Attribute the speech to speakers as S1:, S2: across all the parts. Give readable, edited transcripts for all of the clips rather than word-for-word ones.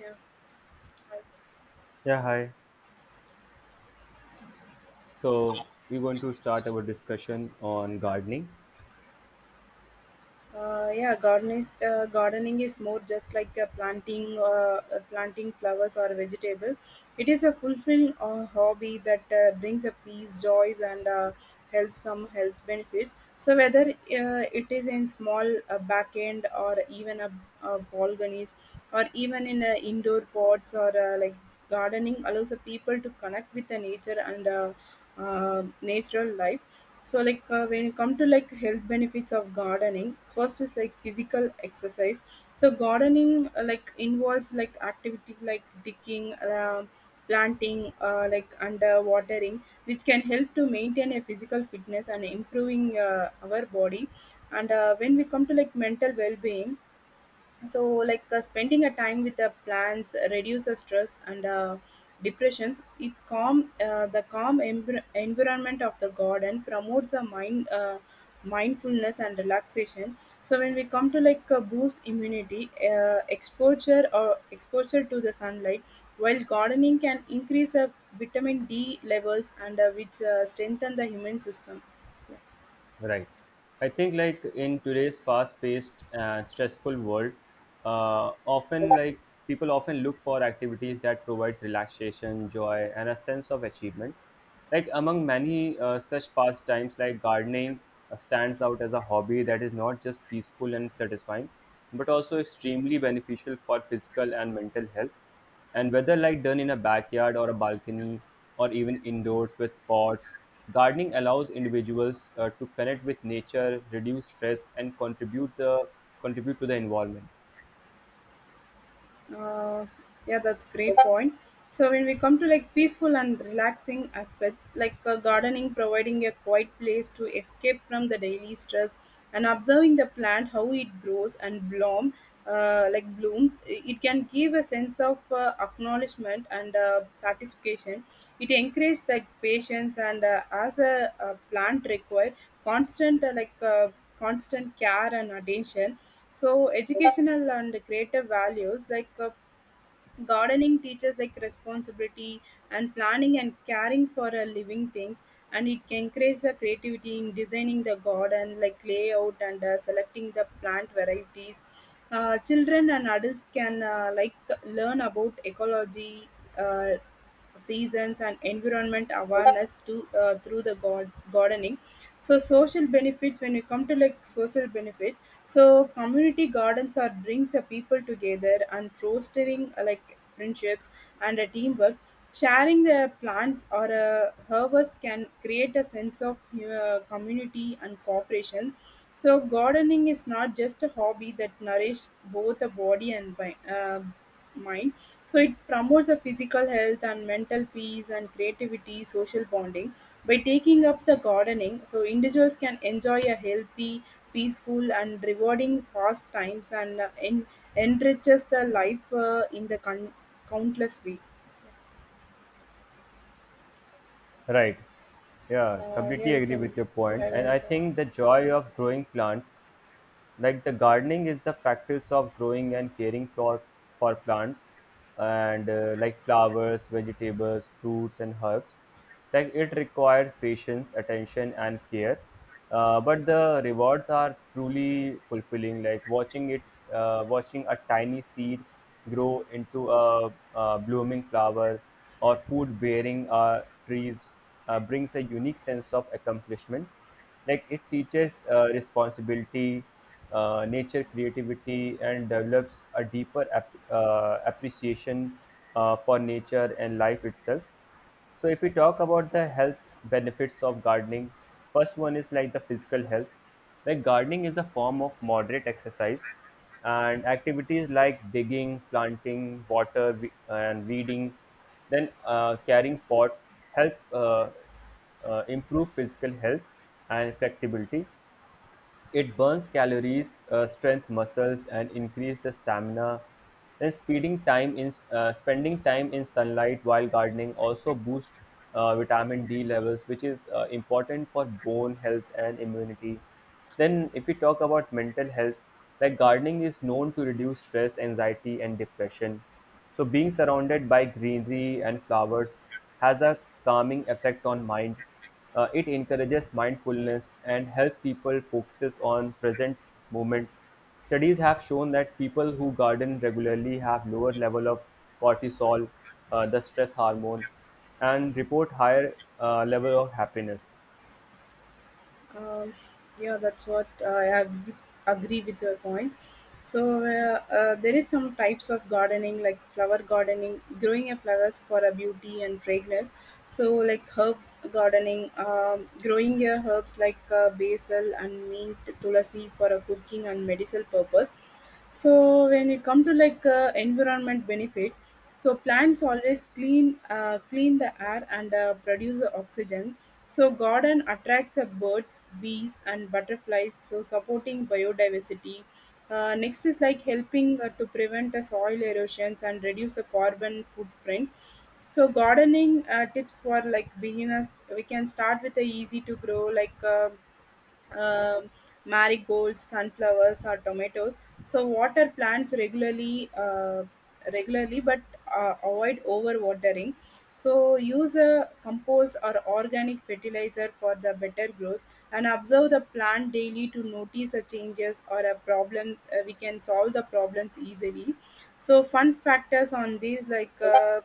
S1: Yeah.
S2: Yeah, hi. So we're going to start our discussion on gardening,
S1: Yeah, gardening, gardening is more just like a planting, planting flowers or a vegetable. It is a fulfilling hobby that brings a peace, joys, and health some health benefits. So whether it is in small back end or even a balconies or even in indoor pots or gardening allows the people to connect with the nature and natural life. So like when you come to like health benefits of gardening, first is like physical exercise. So gardening like involves like activity like digging, planting, like under watering, which can help to maintain a physical fitness and improving our body. And when we come to like mental well-being, so like spending a time with the plants reduces stress and depressions. It calm the calm environment of the garden promotes the mindfulness and relaxation. So when we come to like boost immunity, exposure to the sunlight while gardening can increase vitamin D levels, and which strengthen the immune system.
S2: right? I think like in today's fast-paced and stressful world, often like people often look for activities that provides relaxation, joy, and a sense of achievement. Like among many such pastimes, like gardening stands out as a hobby that is not just peaceful and satisfying, but also extremely beneficial for physical and mental health. And whether like done in a backyard or a balcony or even indoors with pots, gardening allows individuals to connect with nature, reduce stress, and contribute to the environment.
S1: Uh, yeah, that's great point. So when we come to like peaceful and relaxing aspects, like gardening providing a quiet place to escape from the daily stress, and observing the plant how it grows and blooms, it can give a sense of acknowledgement and satisfaction. It encourages like patience, and as a plant require constant constant care and attention. So educational and creative values, gardening teaches like responsibility and planning and caring for a living things, and it can increase the creativity in designing the garden like layout and selecting the plant varieties. Children and adults can learn about ecology, uh, seasons and environment awareness to through the god gardening. So social benefits, when you come to like social benefit, so community gardens are brings the people together and fostering like friendships and a teamwork. Sharing the plants or a harvest can create a sense of community and cooperation. So gardening is not just a hobby that nourishes both the body and mind. So it promotes the physical health and mental peace and creativity, social bonding. By taking up the gardening, so individuals can enjoy a healthy, peaceful, and rewarding pastimes and enriches the life in the countless way.
S2: Right. Yeah,
S1: Yeah,
S2: completely
S1: you
S2: agree
S1: can.
S2: with your
S1: You
S2: point.
S1: have
S2: And
S1: any
S2: I
S1: problem?
S2: think the joy of growing plants, like the gardening is the practice of growing and caring for plants and like flowers, vegetables, fruits, and herbs. Like it requires patience, attention, and care, but the rewards are truly fulfilling, like watching a tiny seed grow into a blooming flower or food bearing trees brings a unique sense of accomplishment. Like it teaches responsibility, nature, creativity, and develops a deeper appreciation for nature and life itself. So if we talk about the health benefits of gardening, first one is like the physical health. Like gardening is a form of moderate exercise, and activities like digging, planting, and weeding, then carrying pots, help improve physical health and flexibility. It burns calories, strengthens muscles, and increase the stamina. Then, speeding time in spending time in sunlight while gardening also boosts vitamin D levels, which is important for bone health and immunity. Then, if we talk about mental health, like gardening is known to reduce stress, anxiety, and depression. So, being surrounded by greenery and flowers has a calming effect on mind. It encourages mindfulness and help people focuses on present moment. Studies have shown that people who garden regularly have lower level of cortisol, the stress hormone, and report higher level of happiness.
S1: Um, yeah, that's what I agree with your points. So there is some types of gardening, like flower gardening, growing a flowers for a beauty and fragrance. So like herb gardening, growing your herbs like basil and mint, tulasi for a cooking and medicinal purpose. So when we come to like environment benefit, so plants always clean the air and produce the oxygen. So garden attracts birds, bees, and butterflies, so supporting biodiversity. Next is like helping to prevent soil erosions and reduce the carbon footprint. So gardening tips for like beginners, we can start with the easy to grow like um marigolds, sunflowers, or tomatoes. So water plants regularly, but avoid overwatering. So use a compost or organic fertilizer for the better growth, and observe the plant daily to notice the changes or a problems. We can solve the problems easily. So fun factors on these like.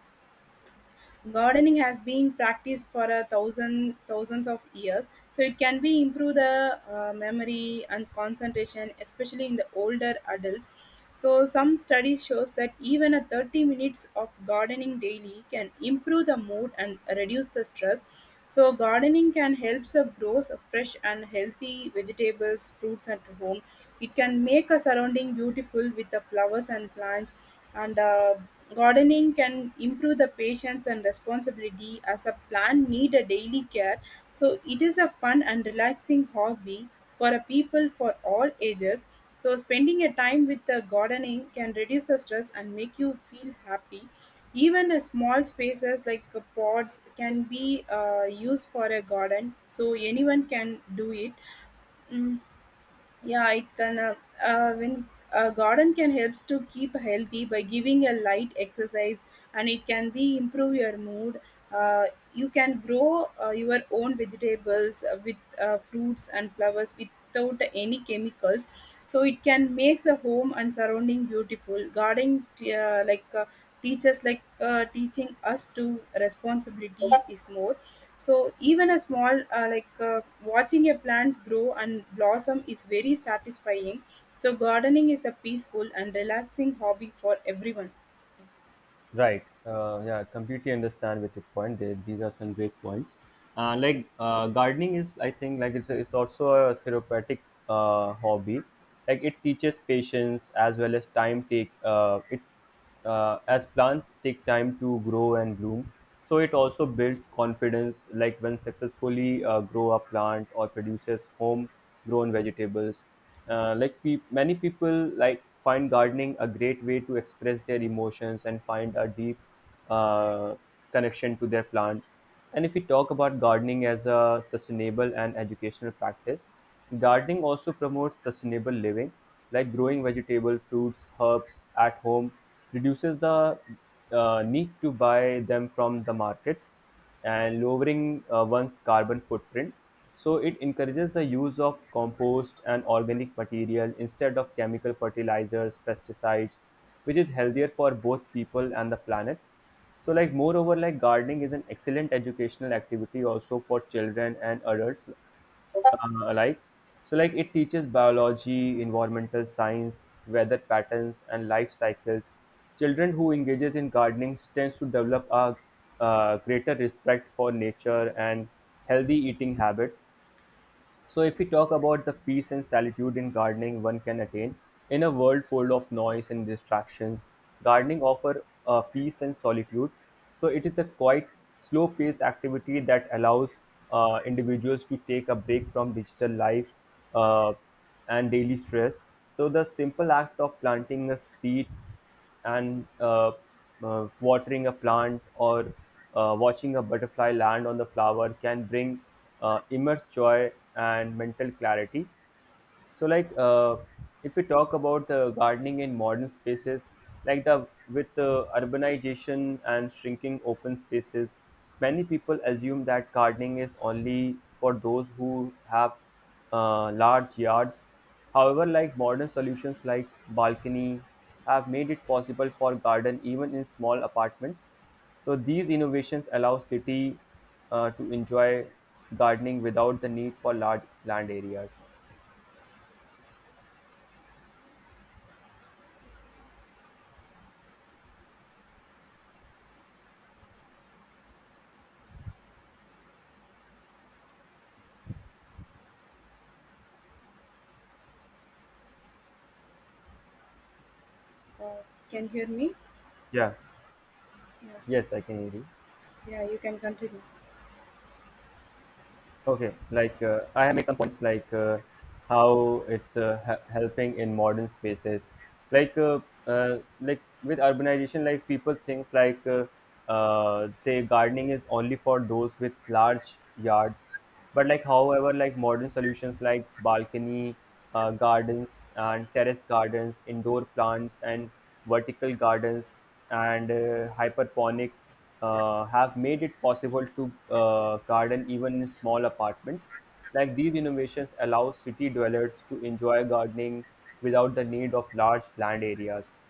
S1: Gardening has been practiced for a thousands of years, so it can be improve the memory and concentration, especially in the older adults. So some study shows that even a 30 minutes of gardening daily can improve the mood and reduce the stress. So gardening can help us grow fresh and healthy vegetables, fruits at home. It can make a surrounding beautiful with the flowers and plants. And gardening can improve the patience and responsibility as a plant need a daily care. So it is a fun and relaxing hobby for a people for all ages. So spending a time with the gardening can reduce the stress and make you feel happy. Even a small spaces like pods can be used for a garden, so anyone can do it. Mm, yeah, it can. When a garden can helps to keep healthy by giving a light exercise, and it can be improve your mood. Uh, you can grow your own vegetables with fruits and flowers without any chemicals. So it can makes a home and surrounding beautiful. Gardening, teachers like teaching us to responsibility is more. So even a small watching your plants grow and blossom is very satisfying. So gardening is a peaceful and relaxing hobby for everyone.
S2: Right. Yeah, completely understand with your point. There, these are some great points.
S1: Yeah.
S2: Gardening is, I think, like it's, a, it's also a therapeutic hobby. Like it teaches patience as well as time take. It As plants take time to grow and bloom. So it also builds confidence. Like when successfully grow a plant or produces home grown vegetables, many people like find gardening a great way to express their emotions and find a deep uh, connection to their plants. And if we talk about gardening as a sustainable and educational practice, gardening also promotes sustainable living, like growing vegetable, fruits, herbs at home reduces the need to buy them from the markets and lowering one's carbon footprint. So it encourages the use of compost and organic material instead of chemical fertilizers, pesticides, which is healthier for both people and the planet. So like moreover, like gardening is an excellent educational activity also for children and adults alike. So like it teaches biology, environmental science, weather patterns, and life cycles. Children who engages in gardening tends to develop a greater respect for nature and healthy eating habits. So, if we talk about the peace and solitude in gardening one can attain, in a world full of noise and distractions, gardening offers peace and solitude. So, it is a quite slow paced activity that allows individuals to take a break from digital life uh, and daily stress. So, the simple act of planting a seed and watering a plant or watching a butterfly land on the flower can bring immense joy and mental clarity. So, if we talk about the gardening in modern spaces, like the with the urbanization and shrinking open spaces, many people assume that gardening is only for those who have large yards. However, like modern solutions like balcony have made it possible for garden even in small apartments. So these innovations allow city to enjoy gardening without the need for large land areas.
S1: uh, can you hear me?
S2: Yeah.
S1: Yeah,
S2: Yes, I can hear you.
S1: yeah, you can continue.
S2: Okay, I have made some points like how it's ha- helping in modern spaces, like uh, like with urbanization, like people thinks the gardening is only for those with large yards, but like however, like modern solutions like balcony gardens and terrace gardens, indoor plants and vertical gardens and hyperponic have made it possible to garden even in small apartments. Like these innovations allow city dwellers to enjoy gardening without the need of large land areas.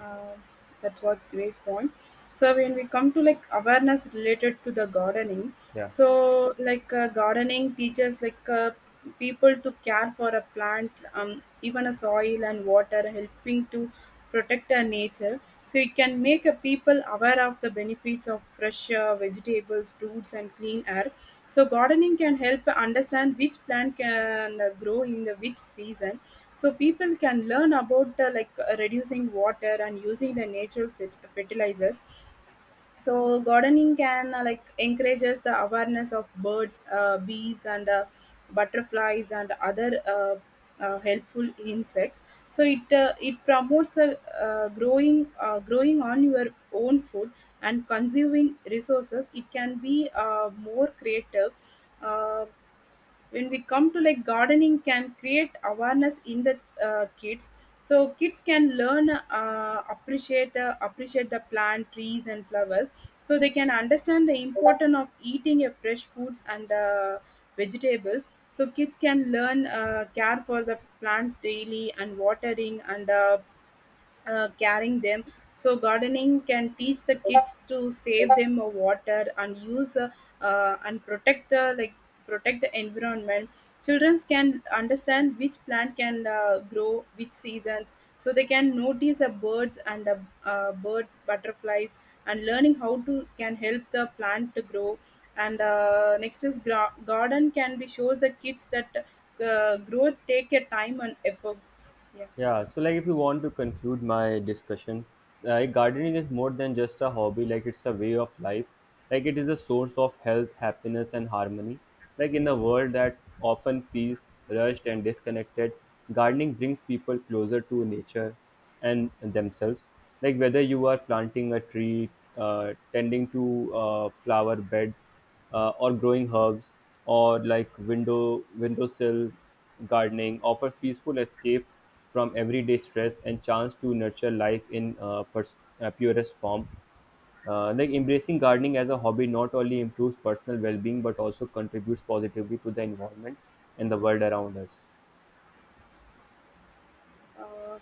S1: Uh, that was great point. So when we come to like awareness related to the gardening,
S2: Yeah.
S1: so like gardening teaches like people to care for a plant, even a soil and water, helping to protect our nature. So it can make a people aware of the benefits of fresh vegetables, fruits, and clean air. So gardening can help understand which plant can grow in the which season. So people can learn about reducing water and using the natural fertilizers. So gardening can like encourages the awareness of birds, bees, and butterflies and other helpful insects. So it promotes growing on your own food and consuming resources. It can be more creative. uh, when we come to like gardening can create awareness in the kids, so kids can learn appreciate the plant, trees, and flowers. So they can understand the importance of eating a fresh foods and vegetables. So kids can learn care for the plants daily and watering and carrying them. So gardening can teach the kids to save them water and use and protect the protect the environment. Children can understand which plant can grow which seasons, so they can notice the birds and the birds butterflies and learning how to can help the plant to grow. And next is garden can be shows the kids that growth take a time and efforts. Yeah.
S2: Yeah, so like if you want to conclude my discussion, like gardening is more than just a hobby, like it's a way of life. Like it is a source of health, happiness, and harmony. Like in a world that often feels rushed and disconnected, gardening brings people closer to nature and themselves. Like whether you are planting a tree, tending to a flower bed, or growing herbs or like windowsill, gardening offers peaceful escape from everyday stress and chance to nurture life in purest form. Like embracing gardening as a hobby not only improves personal well-being but also contributes positively to the environment and the world around us.
S1: Uh,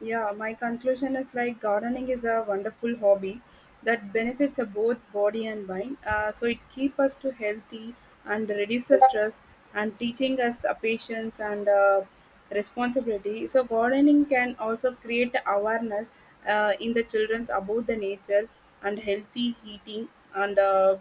S1: yeah, my conclusion is like gardening is a wonderful hobby that benefits both body and mind. So it keeps us to healthy and reduces stress and teaching us patience and responsibility. So gardening can also create awareness in the childrens about the nature and healthy eating and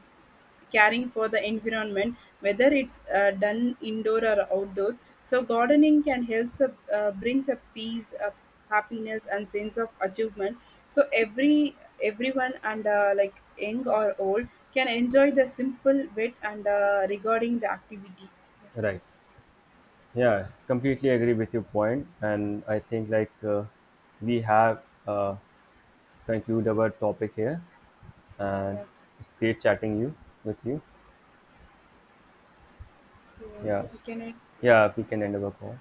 S1: caring for the environment, whether it's done indoor or outdoor. So gardening can help brings a peace, a happiness, and sense of achievement. So everyone and like young or old can enjoy the simple bit and regarding the activity.
S2: Right. Yeah, completely agree with your point. And I think like we have conclude our topic here.
S1: Yeah,
S2: And
S1: yeah.
S2: it's great chatting you with you.
S1: So
S2: Yeah,
S1: can I?
S2: yeah, we can end our call.